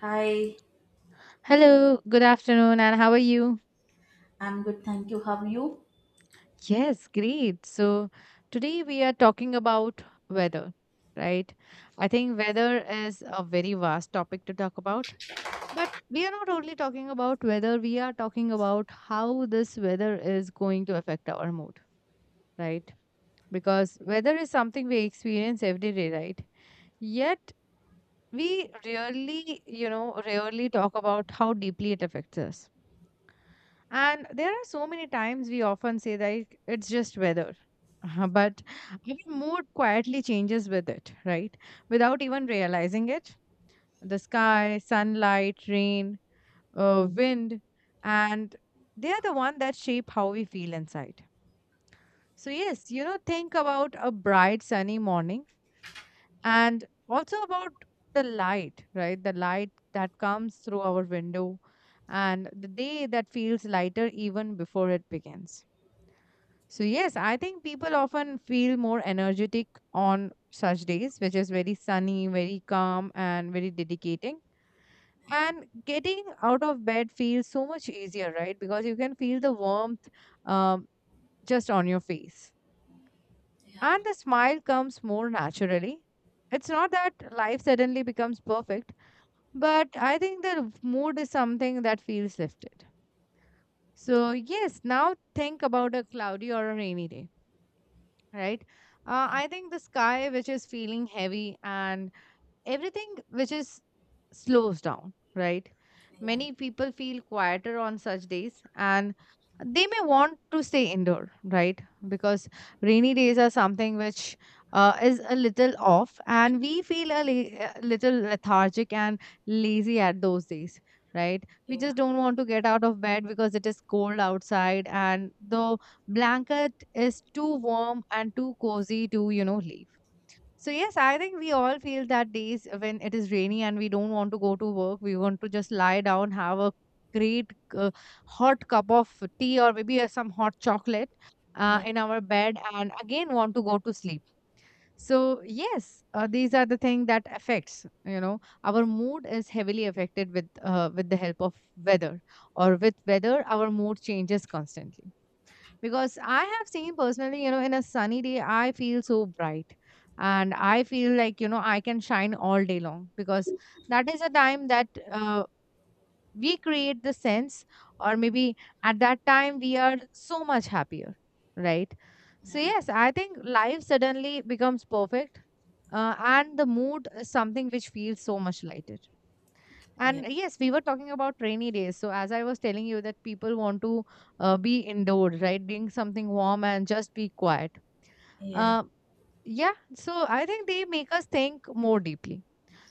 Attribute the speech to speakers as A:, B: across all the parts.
A: Hi,
B: Hello, good afternoon, and how are you?
A: I'm good, thank you. How are you?
B: Yes, great. Today we are talking about weather, right? I think weather is a very vast topic to talk about. But we are not only talking about weather, we are talking about how this weather is going to affect our mood, right? Because weather is something we experience every day, right? Yet, we rarely, you know, rarely talk about how deeply it affects us. And there are so many times we often say that it's just weather. But our mood quietly changes with it, right? Without even realizing it. The sky, sunlight, rain, wind, and they are the one that shape how we feel inside. So, think about a bright, sunny morning and also about the light, right? The light that comes through our window and the day that feels lighter even before it begins. So, yes, I think people often feel more energetic on such days, which is very sunny, very calm, and very dedicating. And getting out of bed feels so much easier, right? Because you can feel the warmth um, just on your face.
A: Yeah,
B: And the smile comes more naturally. It's not that life suddenly becomes perfect, but I think the mood is something that feels lifted. So, yes, now think about a cloudy or a rainy day, right? I think the sky, which is feeling heavy, and everything which is slows down, right?
A: yeah,
B: Many people feel quieter on such days, and they may want to stay indoor, right? Because rainy days are something which is a little off, and we feel a little lethargic and lazy at those days, right? We
A: yeah,
B: just don't want to get out of bed because it is cold outside and the blanket is too warm and too cozy to, you know, leave. So yes, I think we all feel that days when it is rainy and we don't want to go to work, we want to just lie down, have a great hot cup of tea, or maybe some hot chocolate
A: Yeah.
B: in our bed, and again want to go to sleep. So yes, these are the thing that affects. You know, our mood is heavily affected with the help of weather, or with weather, our mood changes constantly because I have seen personally, you know, in a sunny day, I feel so bright, and I feel like, you know, I can shine all day long because that is a time that we create the sense, or maybe at that time we are so much happier, right? So, yes, I think life suddenly becomes perfect, and the mood is something which feels so much lighter.
A: yeah, yeah,
B: And yes, we were talking about rainy days. So as I was telling you that people want to be indoors, right? Drink something warm and just be quiet.
A: yeah.
B: Uh, yeah, so I think they make us think more deeply.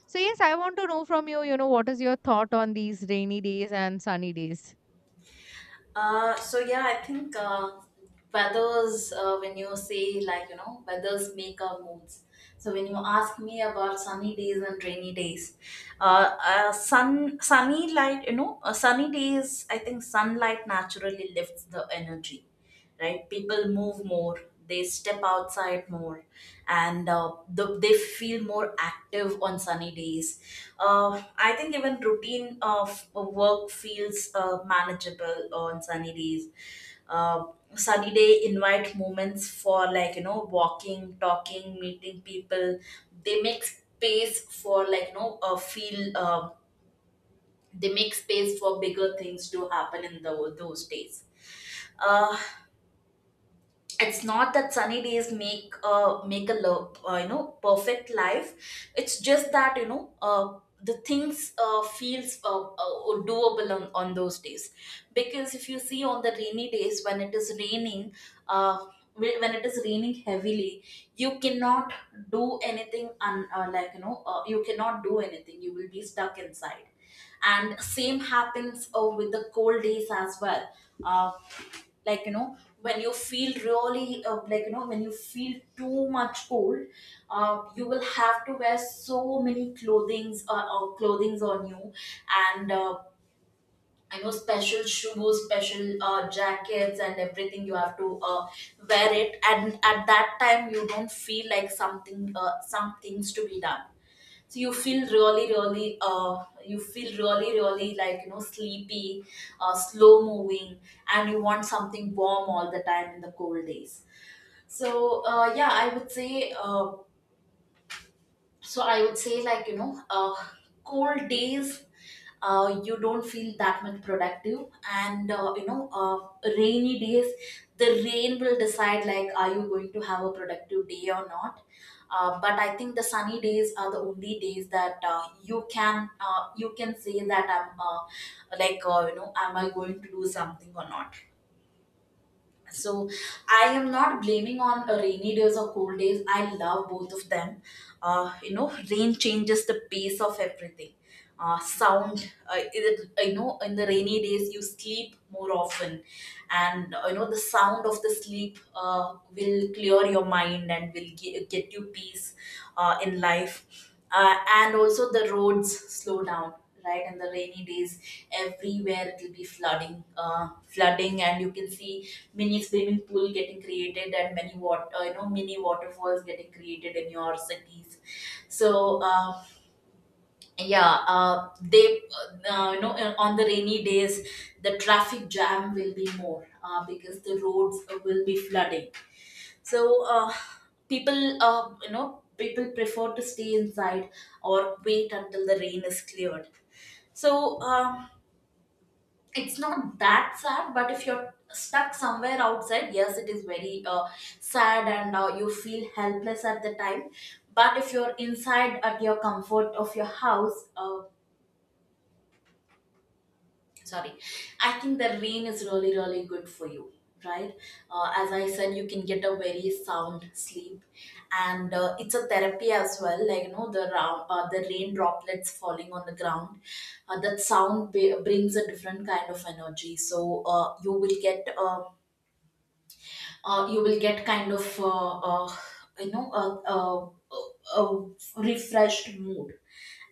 B: So yes, I want to know from you, you know, what is your thought on these rainy days and sunny days?
A: So yeah, I think weathers. When you say, like, you know, weathers make our moods. So when you ask me about sunny days and rainy days, sun sunny light. You know, sunny days, I think sunlight naturally lifts the energy. Right, people move more, they step outside more, and they feel more active on sunny days. I think even routine of work feels manageable on sunny days. uh, Sunny day invite moments for, like, you know, walking, talking, meeting people. They make space for, like you know feel they make space for bigger things to happen in the those days. Uh, it's not that sunny days make a you know, perfect life. It's just that, you know, the things feels doable on those days. Because if you see on the rainy days, when it is raining, uh, when it is raining heavily, you cannot do anything, like, you know, you cannot do anything, you will be stuck inside. And same happens with the cold days as well. Uh, like, you know, when you feel really when you feel too much cold, you will have to wear so many clothings on you. And you know, special shoes, special jackets, and everything you have to wear it. And at that time you don't feel like some things to be done. So you feel really, you feel really, really, like, you know, sleepy, slow moving, and you want something warm all the time in the cold days. So yeah, I would say, I would say, like, you know, cold days, you don't feel that much productive. And you know, rainy days, the rain will decide, like, are you going to have a productive day or not. But I think the sunny days are the only days that you can say that I'm like you know, am I going to do something or not. So I am not blaming on rainy days or cold days. I love both of them. You know, rain changes the pace of everything. You know, in the rainy days you sleep more often. And you know, the sound of the sleep will clear your mind and will get you peace in life. And also, the roads slow down, right, and the rainy days, everywhere it will be flooding, flooding. And you can see mini swimming pool getting created and many water, you know, mini waterfalls getting created in your cities. So yeah they you know, on the rainy days, the traffic jam will be more, because the roads will be flooding. So people you know, people prefer to stay inside, or wait until the rain is cleared. So it's not that sad, but if you're stuck somewhere outside, yes, it is very sad and you feel helpless at the time. But if you're inside at your comfort of your house, sorry, I think the rain is really, really good for you, right? As I said, you can get a very sound sleep. And it's a therapy as well, like, you know, the rain droplets falling on the ground, that sound brings a different kind of energy. So you will get kind of uh, you know, a refreshed mood.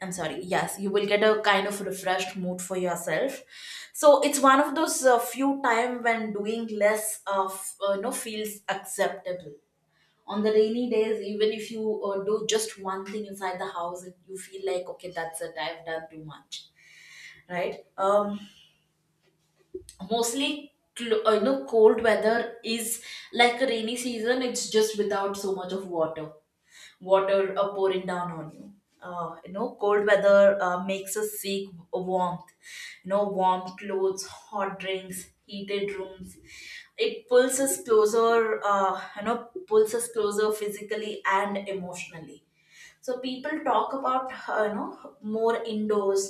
A: I'm sorry, yes, you will get a kind of refreshed mood for yourself. So it's one of those few time when doing less of, feels acceptable. On the rainy days, even if you do just one thing inside the house, you feel like, okay, that's it, I've done too much, right? You know, cold weather is like a rainy season, it's just without so much of water pouring down on you. You know, cold weather makes us seek warmth. You know, warm clothes, hot drinks, heated rooms. It pulls us closer, pulls us closer physically and emotionally. So people talk about, more indoors.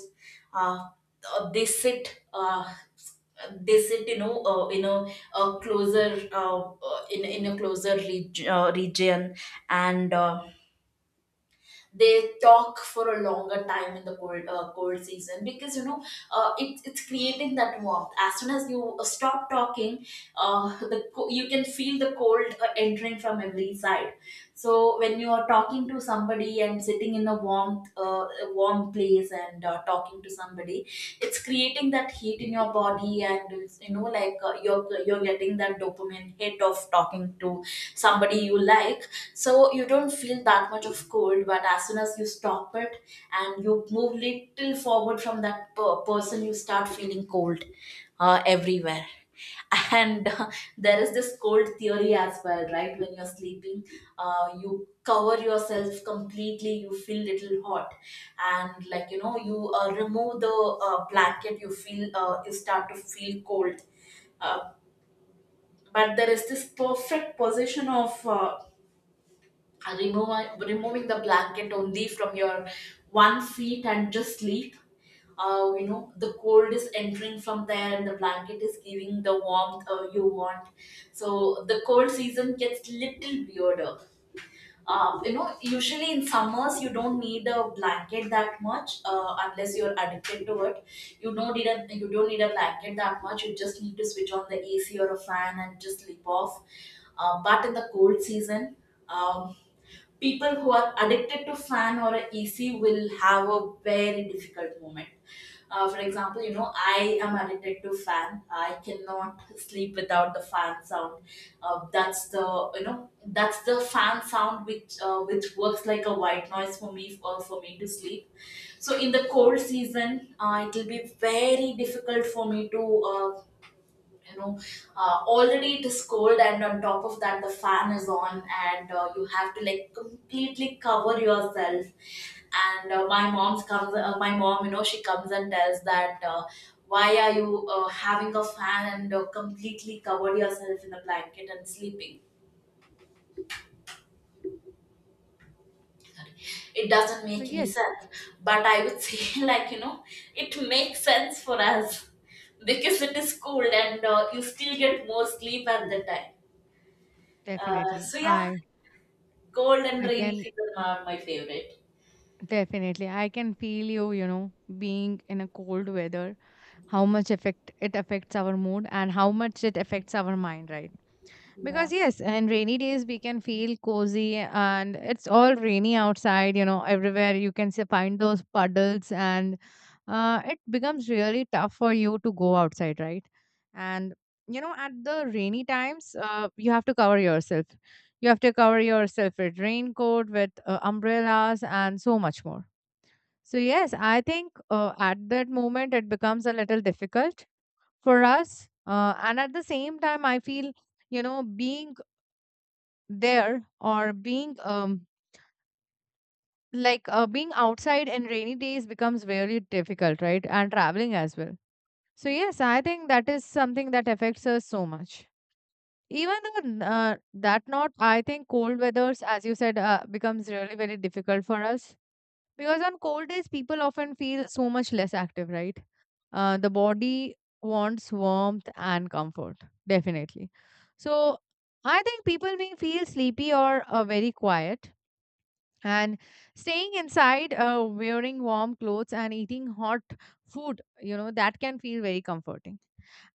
A: uh, uh, they sit uh, they sit, you know, a closer in a closer region. And they talk for a longer time in the cold season. Because, you know, it's creating that warmth as soon as you stop talking. You can feel the cold entering from every side. So when you are talking to somebody and sitting in a warmth a warm place and talking to somebody, it's creating that heat in your body. And you know, like, you're getting that dopamine hit of talking to somebody you like. So you don't feel that much of cold, but as soon as you stop it and you move little forward from that person, you start feeling cold everywhere. And there is this cold theory as well, right? When you're sleeping, you cover yourself completely, you feel little hot. And, like, you know, you remove the blanket, you feel you start to feel cold. uh, but there is this perfect position of, removing the blanket only from your one feet and just sleep. You know, the cold is entering from there and the blanket is giving the warmth you want. So the cold season gets little weirder. You know, usually in summers you don't need a blanket that much, unless you're addicted to it. You don't need a, you don't need a blanket that much, you just need to switch on the ac or a fan and just sleep off. But in the cold season, um, people who are addicted to fan or a ec will have a very difficult moment. For example, you know, I am addicted to fan, I cannot sleep without the fan sound. That's the You know, that's the fan sound which works like a white noise for me, for me to sleep. So in the cold season, it will be very difficult for me to uh, you know already it is cold, and on top of that the fan is on, and you have to like completely cover yourself. And my mom, you know, she comes and tells that, why are you having a fan and completely covered yourself in a blanket and sleeping, it doesn't
B: So
A: make any
B: yes,
A: sense. But I would say, like, you know, it makes sense for us, because it is cold, and you still get more sleep at the time. uh,
B: definitely.
A: so yeah,
B: I
A: cold and
B: I
A: rainy
B: can
A: season are my favorite.
B: definitely, I can feel you, you know, being in a cold weather, how much affect it affects our mood and how much it affects our mind, right?
A: Yeah.
B: Because yes, and rainy days we can feel cozy and it's all rainy outside, you know, everywhere you can see, find those puddles, and it becomes really tough for you to go outside, right? And you know, at the rainy times, you have to cover yourself. You have to cover yourself with raincoat, with umbrellas and so much more. So yes, I think at that moment it becomes a little difficult for us. And at the same time, I feel, you know, being there, or being like being outside in rainy days becomes very difficult, right? And traveling as well. So yes, I think that is something that affects us so much, even though that not, I think cold weathers, as you said, becomes really very difficult for us, because on cold days people often feel so much less active, right? The body wants warmth and comfort, definitely. So I think people may feel sleepy or very quiet, and staying inside, wearing warm clothes and eating hot food, you know, that can feel very comforting.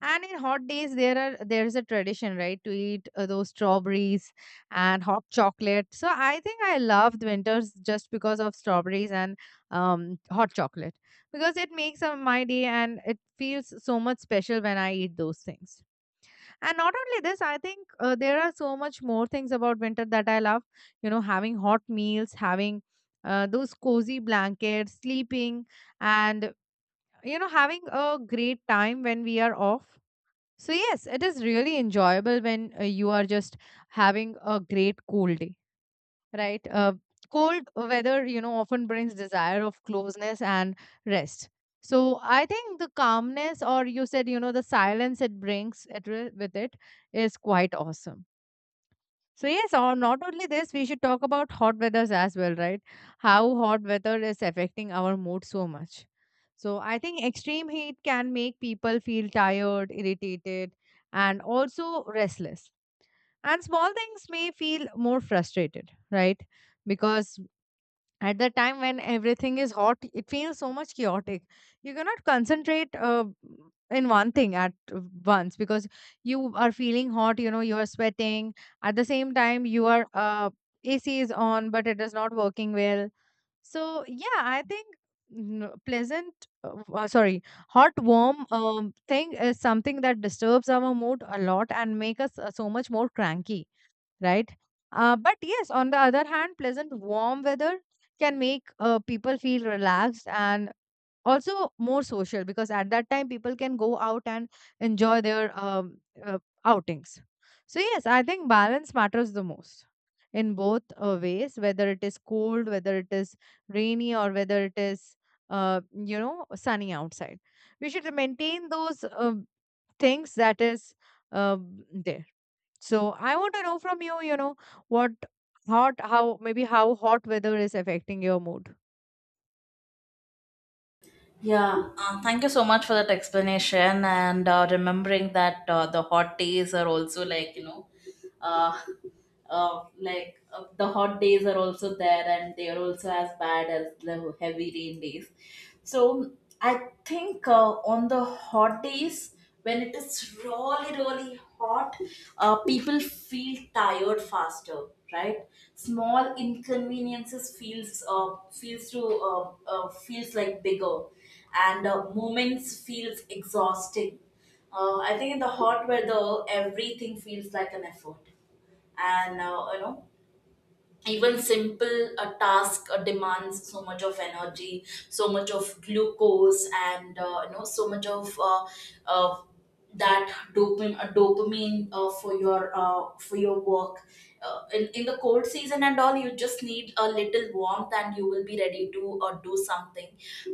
B: And in hot days there's a tradition, right, to eat those strawberries and hot chocolate. So I think I loved winters just because of strawberries and hot chocolate, because it makes my day, and it feels so much special when I eat those things. And not only this, I think there are so much more things about winter that I love. You know, having hot meals, having those cozy blankets, sleeping, and you know, having a great time when we are off. So yes, it is really enjoyable when you are just having a great cool day, right? Cold weather, you know, often brings desire of closeness and rest. So I think the calmness, or you said, you know, the silence it brings it, with it, is quite awesome. So yes, or not only this, we should talk about hot weathers as well, right? How hot weather is affecting our mood so much. So I think extreme heat can make people feel tired, irritated, and also restless. And small things may feel more frustrated, right? Because at the time when everything is hot, it feels so much chaotic. You cannot concentrate in one thing at once, because you are feeling hot, you know, you are sweating. At the same time, you are ac is on, but it is not working well. So yeah, I think n- pleasant w- sorry hot warm thing is something that disturbs our mood a lot and make us so much more cranky, right? But yes, on the other hand, pleasant warm weather can make people feel relaxed and also more social, because at that time people can go out and enjoy their uh, outings. So, yes, I think balance matters the most in both ways, whether it is cold, whether it is rainy, or whether it is you know, sunny outside. We should maintain those things that is uh, there. So I want to know from you, you know, what hot, how maybe how hot weather is affecting your mood.
A: Yeah. Thank you so much for that explanation, and remembering that the hot days are also, like, you know, uh, the hot days are also there, and they are also as bad as the heavy rain days. So I think on the hot days, when it is really, really hot, people feel tired faster, right? Small inconveniences feels to uh, feels like bigger, and moments feels exhausting. I think in the hot weather, everything feels like an effort, and you know, even simple a task demands so much of energy, so much of glucose, and you know, so much of uh, dopamine for your work. In the cold season and all, you just need a little warmth and you will be ready to do something.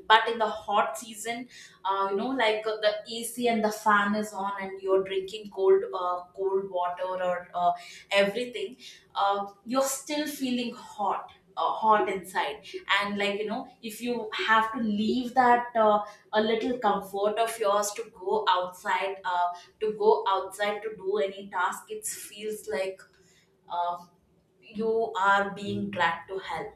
A: But in the hot season, you know, like, the ac and the fan is on, and you're drinking cold water or everything, you're still feeling hot, hot inside. And, like, you know, if you have to leave that a little comfort of yours to go outside, to go outside to do any task, it feels like uh, you are being dragged to hell,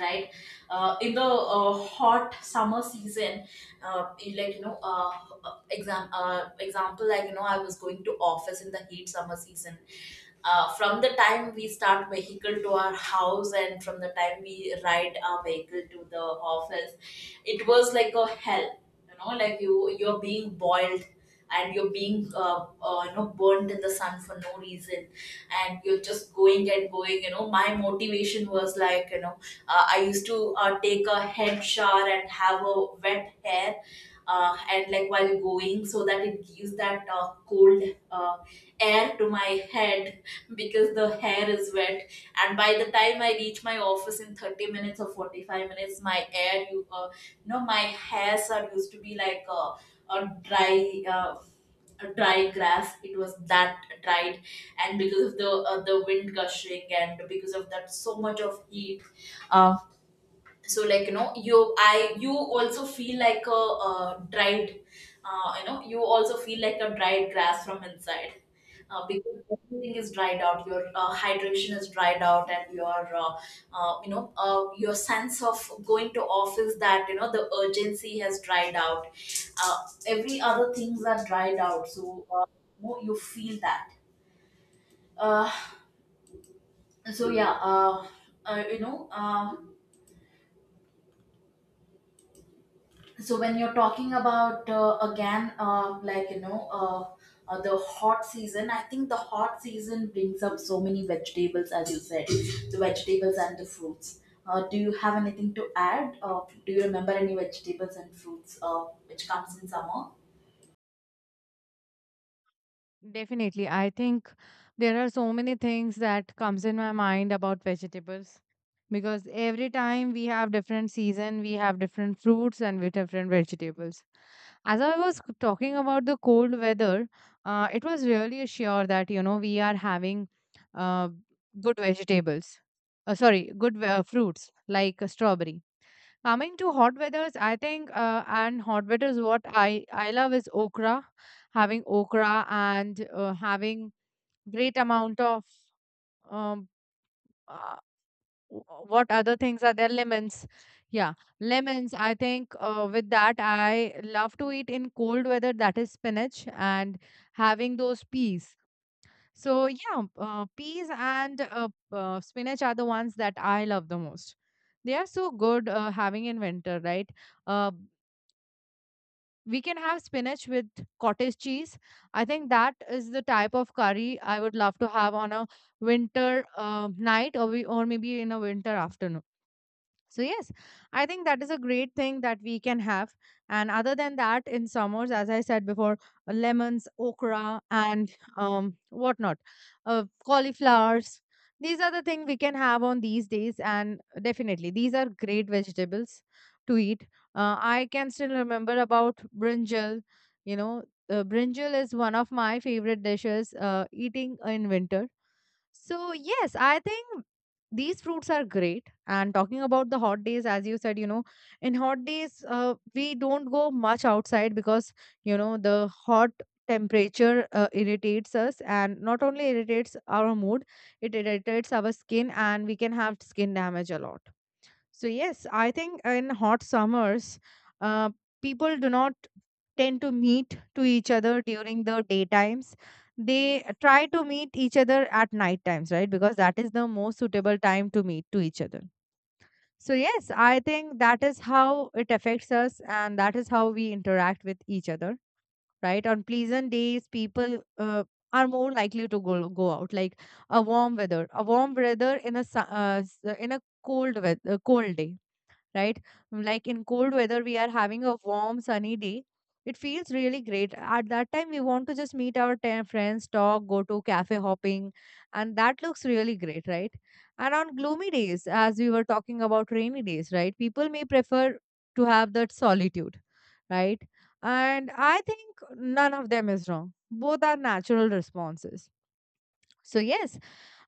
A: right? In the hot summer season, you like you know exam example, like, you know, I was going to office in the heat summer season, from the time we start vehicle to our house and from the time we ride our vehicle to the office, it was like a hell, you know, like You're being boiled, and you're being burned in the sun for no reason. And you're just going and going. My motivation was like I used to take a head shower and have a wet hair, and like while going, so that it gives that cold uh, air to my head because the hair is wet. And by the time I reach my office in 30 minutes or 45 minutes, my hair, my hairs are used to be like a a dry. Uh, a dry grass. It was that dried, and because of the wind gushing and because of that so much of heat. um, so you also feel like a dried, you also feel like a dried grass from inside, because everything is dried out. Your hydration is dried out, and your your sense of going to office, that the urgency has dried out. uh, every other things are dried out. So you feel that. uh, so yeah uh, uh, you know uh, so when you're talking about again, the hot season, I think the hot season brings up so many vegetables, as you said, the vegetables and the fruits. Do you have anything to add? Do you remember any vegetables and fruits which comes in summer?
B: Definitely. I think there are so many things that comes in my mind about vegetables, because every time we have different season, we have different fruits and with different vegetables. As I was talking about the cold weather, it was really sure that, you know, we are having uh, good vegetables. Sorry, good fruits like a strawberry. Coming to hot weathers, I think, and hot weathers, what I love is okra, having okra and having great amount of um, uh, what other things are there? Lemons, yeah, lemons. I think with that, I love to eat in cold weather. That is spinach and having those peas. So yeah, peas and spinach are the ones that I love the most. They are so good having in winter, right? Uh, we can have spinach with cottage cheese. I think that is the type of curry I would love to have on a winter night, or maybe in a winter afternoon. So yes, I think that is a great thing that we can have. And other than that, in summers, as I said before, lemons, okra, and whatnot, cauliflowers. These are the things we can have on these days, and definitely these are great vegetables to eat. I can still remember about brinjal. You know, brinjal is one of my favorite dishes. Eating in winter. So, yes, I think these fruits are great. And talking about the hot days, as you said, you know, in hot days, we don't go much outside because, you know, the hot temperature irritates us, and not only irritates our mood, it irritates our skin, and we can have skin damage a lot. So yes, I think in hot summers, uh, people do not tend to meet to each other during the daytimes. They try to meet each other at night times, right? Because that is the most suitable time to meet to each other. So yes, I think that is how it affects us, and that is how we interact with each other, right? On pleasant days, people are more likely to go out, like a warm weather, in a cold weather, cold day, right? Like in cold weather, we are having a warm, sunny day. It feels really great. At that time, we want to just meet our 10 friends, talk, go to cafe hopping, and that looks really great, right? And on gloomy days, as we were talking about rainy days, right? People may prefer to have that solitude, right? And I think none of them is wrong. Both are natural responses. So, yes,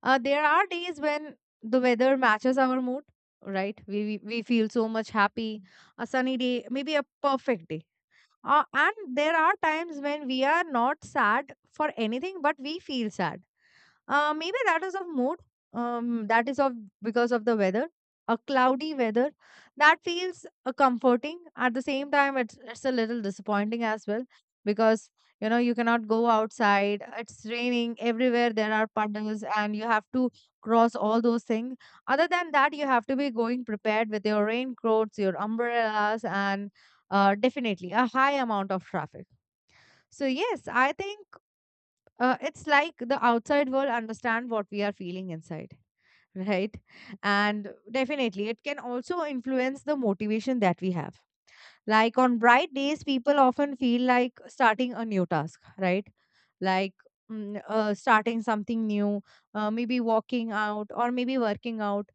B: there are days when the weather matches our mood, right? We feel so much happy. A sunny day, maybe a perfect day. And there are times when we are not sad for anything, but we feel sad. Maybe that is of mood. That is of because of the weather. A cloudy weather that feels comforting. At the same time, it's a little disappointing as well because you know you cannot go outside. It's raining everywhere. There are puddles, and you have to cross all those things. Other than that, you have to be going prepared with your raincoats, your umbrellas, and definitely a high amount of traffic. So yes, I think it's like the outside world understand what we are feeling inside right, and definitely it can also influence the motivation that we have, like on bright days people often feel like starting a new task, right? Like starting something new, maybe walking out or maybe working out.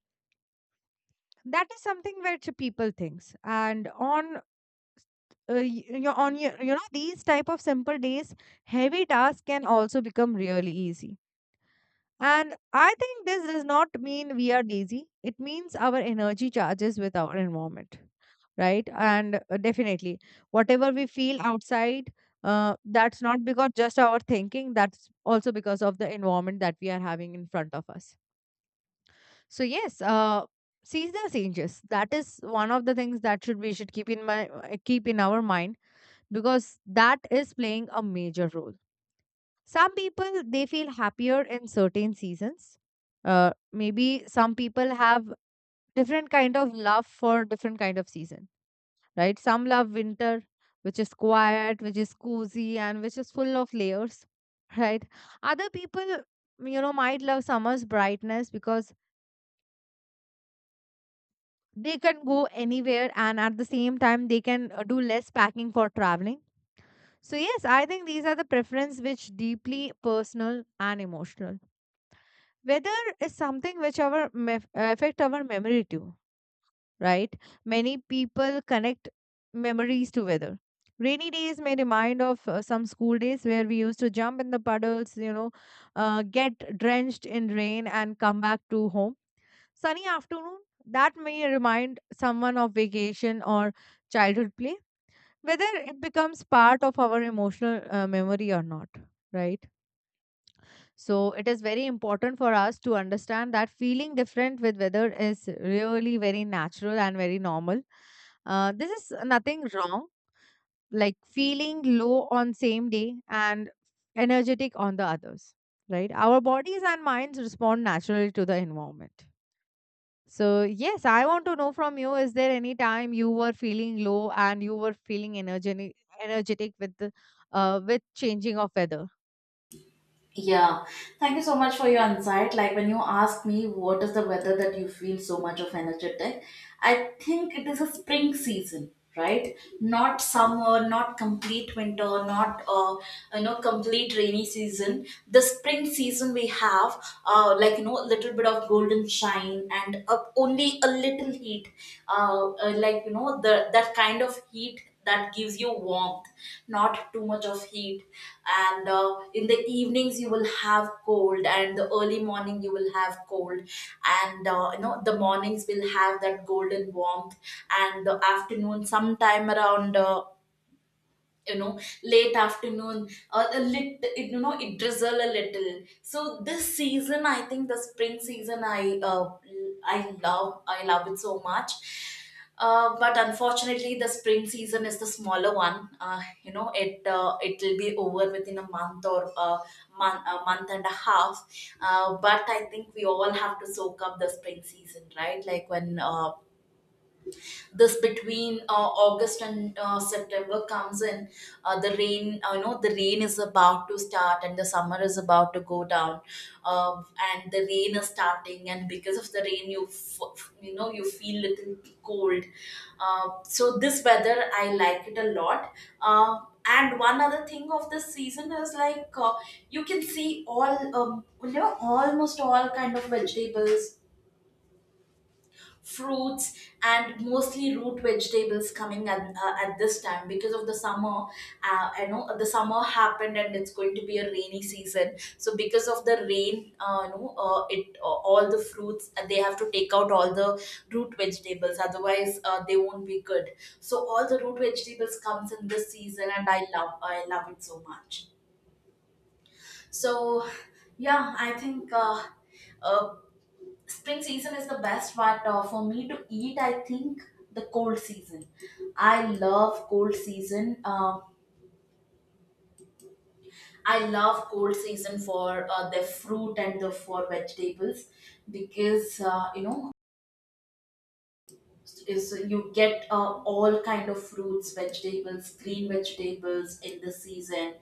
B: That is something which people thinks. And on y- you know, on your, you know these type of simple days, heavy tasks can also become really easy. And I think this does not mean we are lazy. It means our energy charges with our environment, right? And definitely, whatever we feel outside, that's not because just our thinking, that's also because of the environment that we are having in front of us. So, yes, seasonal changes, that is one of the things that should we should keep in mind, keep in our mind, because that is playing a major role. Some people they feel happier in certain seasons. Maybe some people have different kind of love for different kind of season, right? Some love winter, which is quiet, which is cozy, and which is full of layers, right? Other people, you know, might love summer's brightness because they can go anywhere and at the same time they can do less packing for traveling. So yes, I think these are the preference which deeply personal and emotional. Weather is something which our affect our memory too, right? Many people connect memories to weather. Rainy days may remind of some school days where we used to jump in the puddles, you know, get drenched in rain and come back to home. Sunny afternoon, that may remind someone of vacation or childhood play. Whether it becomes part of our emotional memory or not, right? So it is very important for us to understand that feeling different with weather is really very natural and very normal. This is nothing wrong, like feeling low on same day and energetic on the others, right? Our bodies and minds respond naturally to the environment. So yes, I want to know from you: Is there any time you were feeling low and you were feeling energetic, energetic with the, with changing of weather?
A: Yeah, thank you so much for your insight. Like when you ask me what is the weather that you feel so much of energetic, I think it is a spring season, right? Not summer, not complete winter, not complete rainy season. The spring season we have a little bit of golden shine, and only a little heat, the that kind of heat that gives you warmth, not too much of heat. And in the evenings you will have cold, and the early morning you will have cold, and the mornings will have that golden warmth. And the afternoon sometime around you know late afternoon or a lit, it drizzle a little. So this season, I think the spring season, I love, I love it so much. But unfortunately the spring season is the smaller one. It will be over within a month or a a month and a half. But I think we all have to soak up the spring season, right? Like when this between august and september comes in, the rain is about to start, and the summer is about to go down. uh, and the rain is starting, and because of the rain you f- f- you know you feel little cold. So this weather I like it a lot. uh, and one other thing of this season is like, you can see all, almost all kind of vegetables, fruits, and mostly root vegetables coming at this time because of the summer. I know the summer happened and it's going to be a rainy season. So because of the rain, you know it all the fruits, they have to take out all the root vegetables, otherwise they won't be good. So all the root vegetables comes in this season, and I love it so much. So yeah, I think uh, spring season is the best. But for me to eat, I think the cold season, I love cold season. Um, I love cold season for the fruit and the for vegetables, because you know is you get all kind of fruits, vegetables, green vegetables in the season.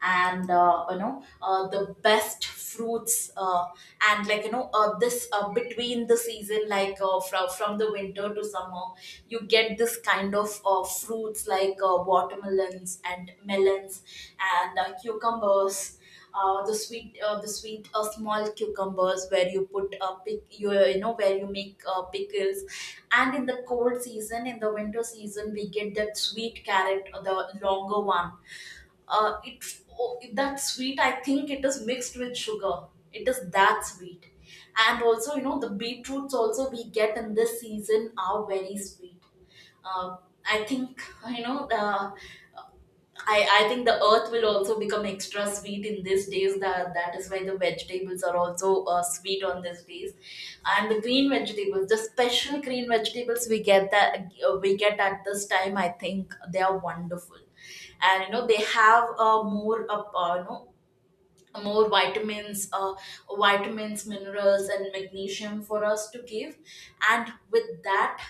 A: And the best fruits. And like you know this Between the season, like from the winter to summer, you get this kind of fruits like watermelons and melons and cucumbers, the sweet, the sweet small cucumbers where you put pick you you know where you make pickles. And in the cold season, in the winter season, we get that sweet carrot, the longer one. It, oh, that sweet, I think it is mixed with sugar, it is that sweet. And also, you know, the beetroots also we get in this season are very sweet. uh, I think, you know uh, I think the earth will also become extra sweet in these days. That is why the vegetables are also sweet on these days. And the green vegetables, the special green vegetables we get that we get at this time. I think they are wonderful, and you know they have a more more vitamins, vitamins, minerals, and magnesium for us to give. And with that,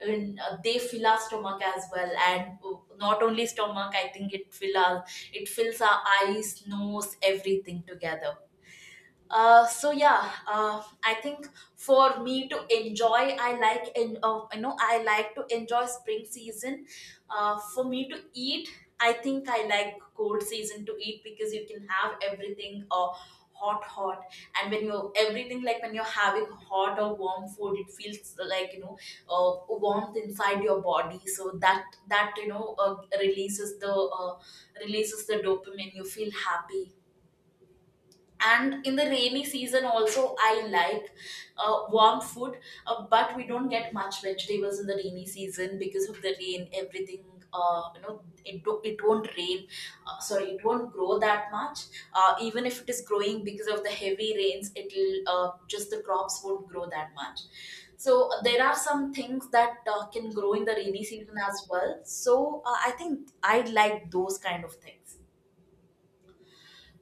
A: they fill our stomach as well, and not only stomach, I think it fills our eyes, nose, everything together. So yeah, I think for me to enjoy, I like, and I like to enjoy spring season. For me to eat, I think I like cold season to eat, because you can have everything hot, hot, and when you're having hot or warm food, it feels like warmth inside your body. So that that you know releases the dopamine. You feel happy. And in the rainy season also I like warm food. But we don't get much vegetables in the rainy season because of the rain, everything, it won't rain, sorry, it won't grow that much. Even if it is growing, because of the heavy rains it'll just, the crops won't grow that much. So there are some things that can grow in the rainy season as well. So I think I like those kind of things.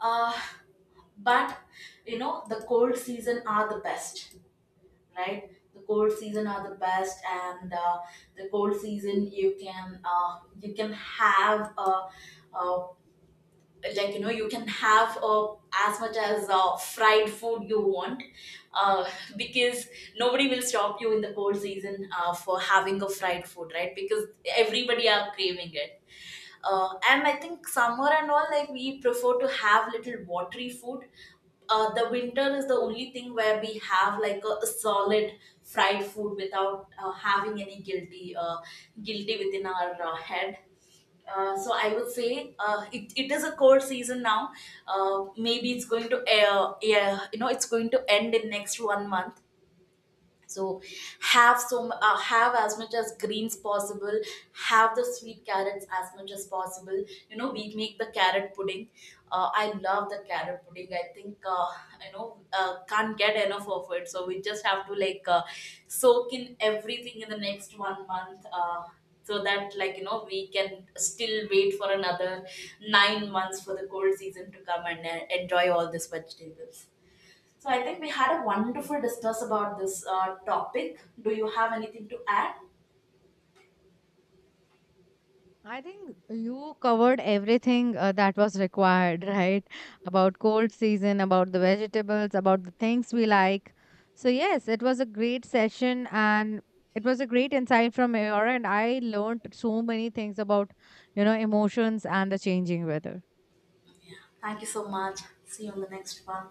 A: uh, but you know, the cold season are the best, right? The cold season are the best. And the cold season you can have, uh, you can have as much as fried food you want, uh, because nobody will stop you in the cold season for having a fried food, right? Because everybody are craving it. And I think summer and all, like we prefer to have little watery food. The winter is the only thing where we have like a solid fried food without having any guilty, guilty within our head. So I would say it is a cold season now. Maybe it's going to it's going to end in next one month. So have as much as greens possible. Have the sweet carrots as much as possible. You know, we make the carrot pudding. I love the carrot pudding. I think can't get enough of it. So we just have to like soak in everything in the next one month, so that we can still wait for another 9 months for the cold season to come and enjoy all these vegetables. So I think we had a wonderful discuss about this topic. Do you have anything to add?
B: I think you covered everything that was required, right? About cold season, about the vegetables, about the things we like. So, yes, it was a great session and it was a great insight from your and I learned so many things about, you know, emotions and the changing weather.
A: Thank you so much. See you in the next one.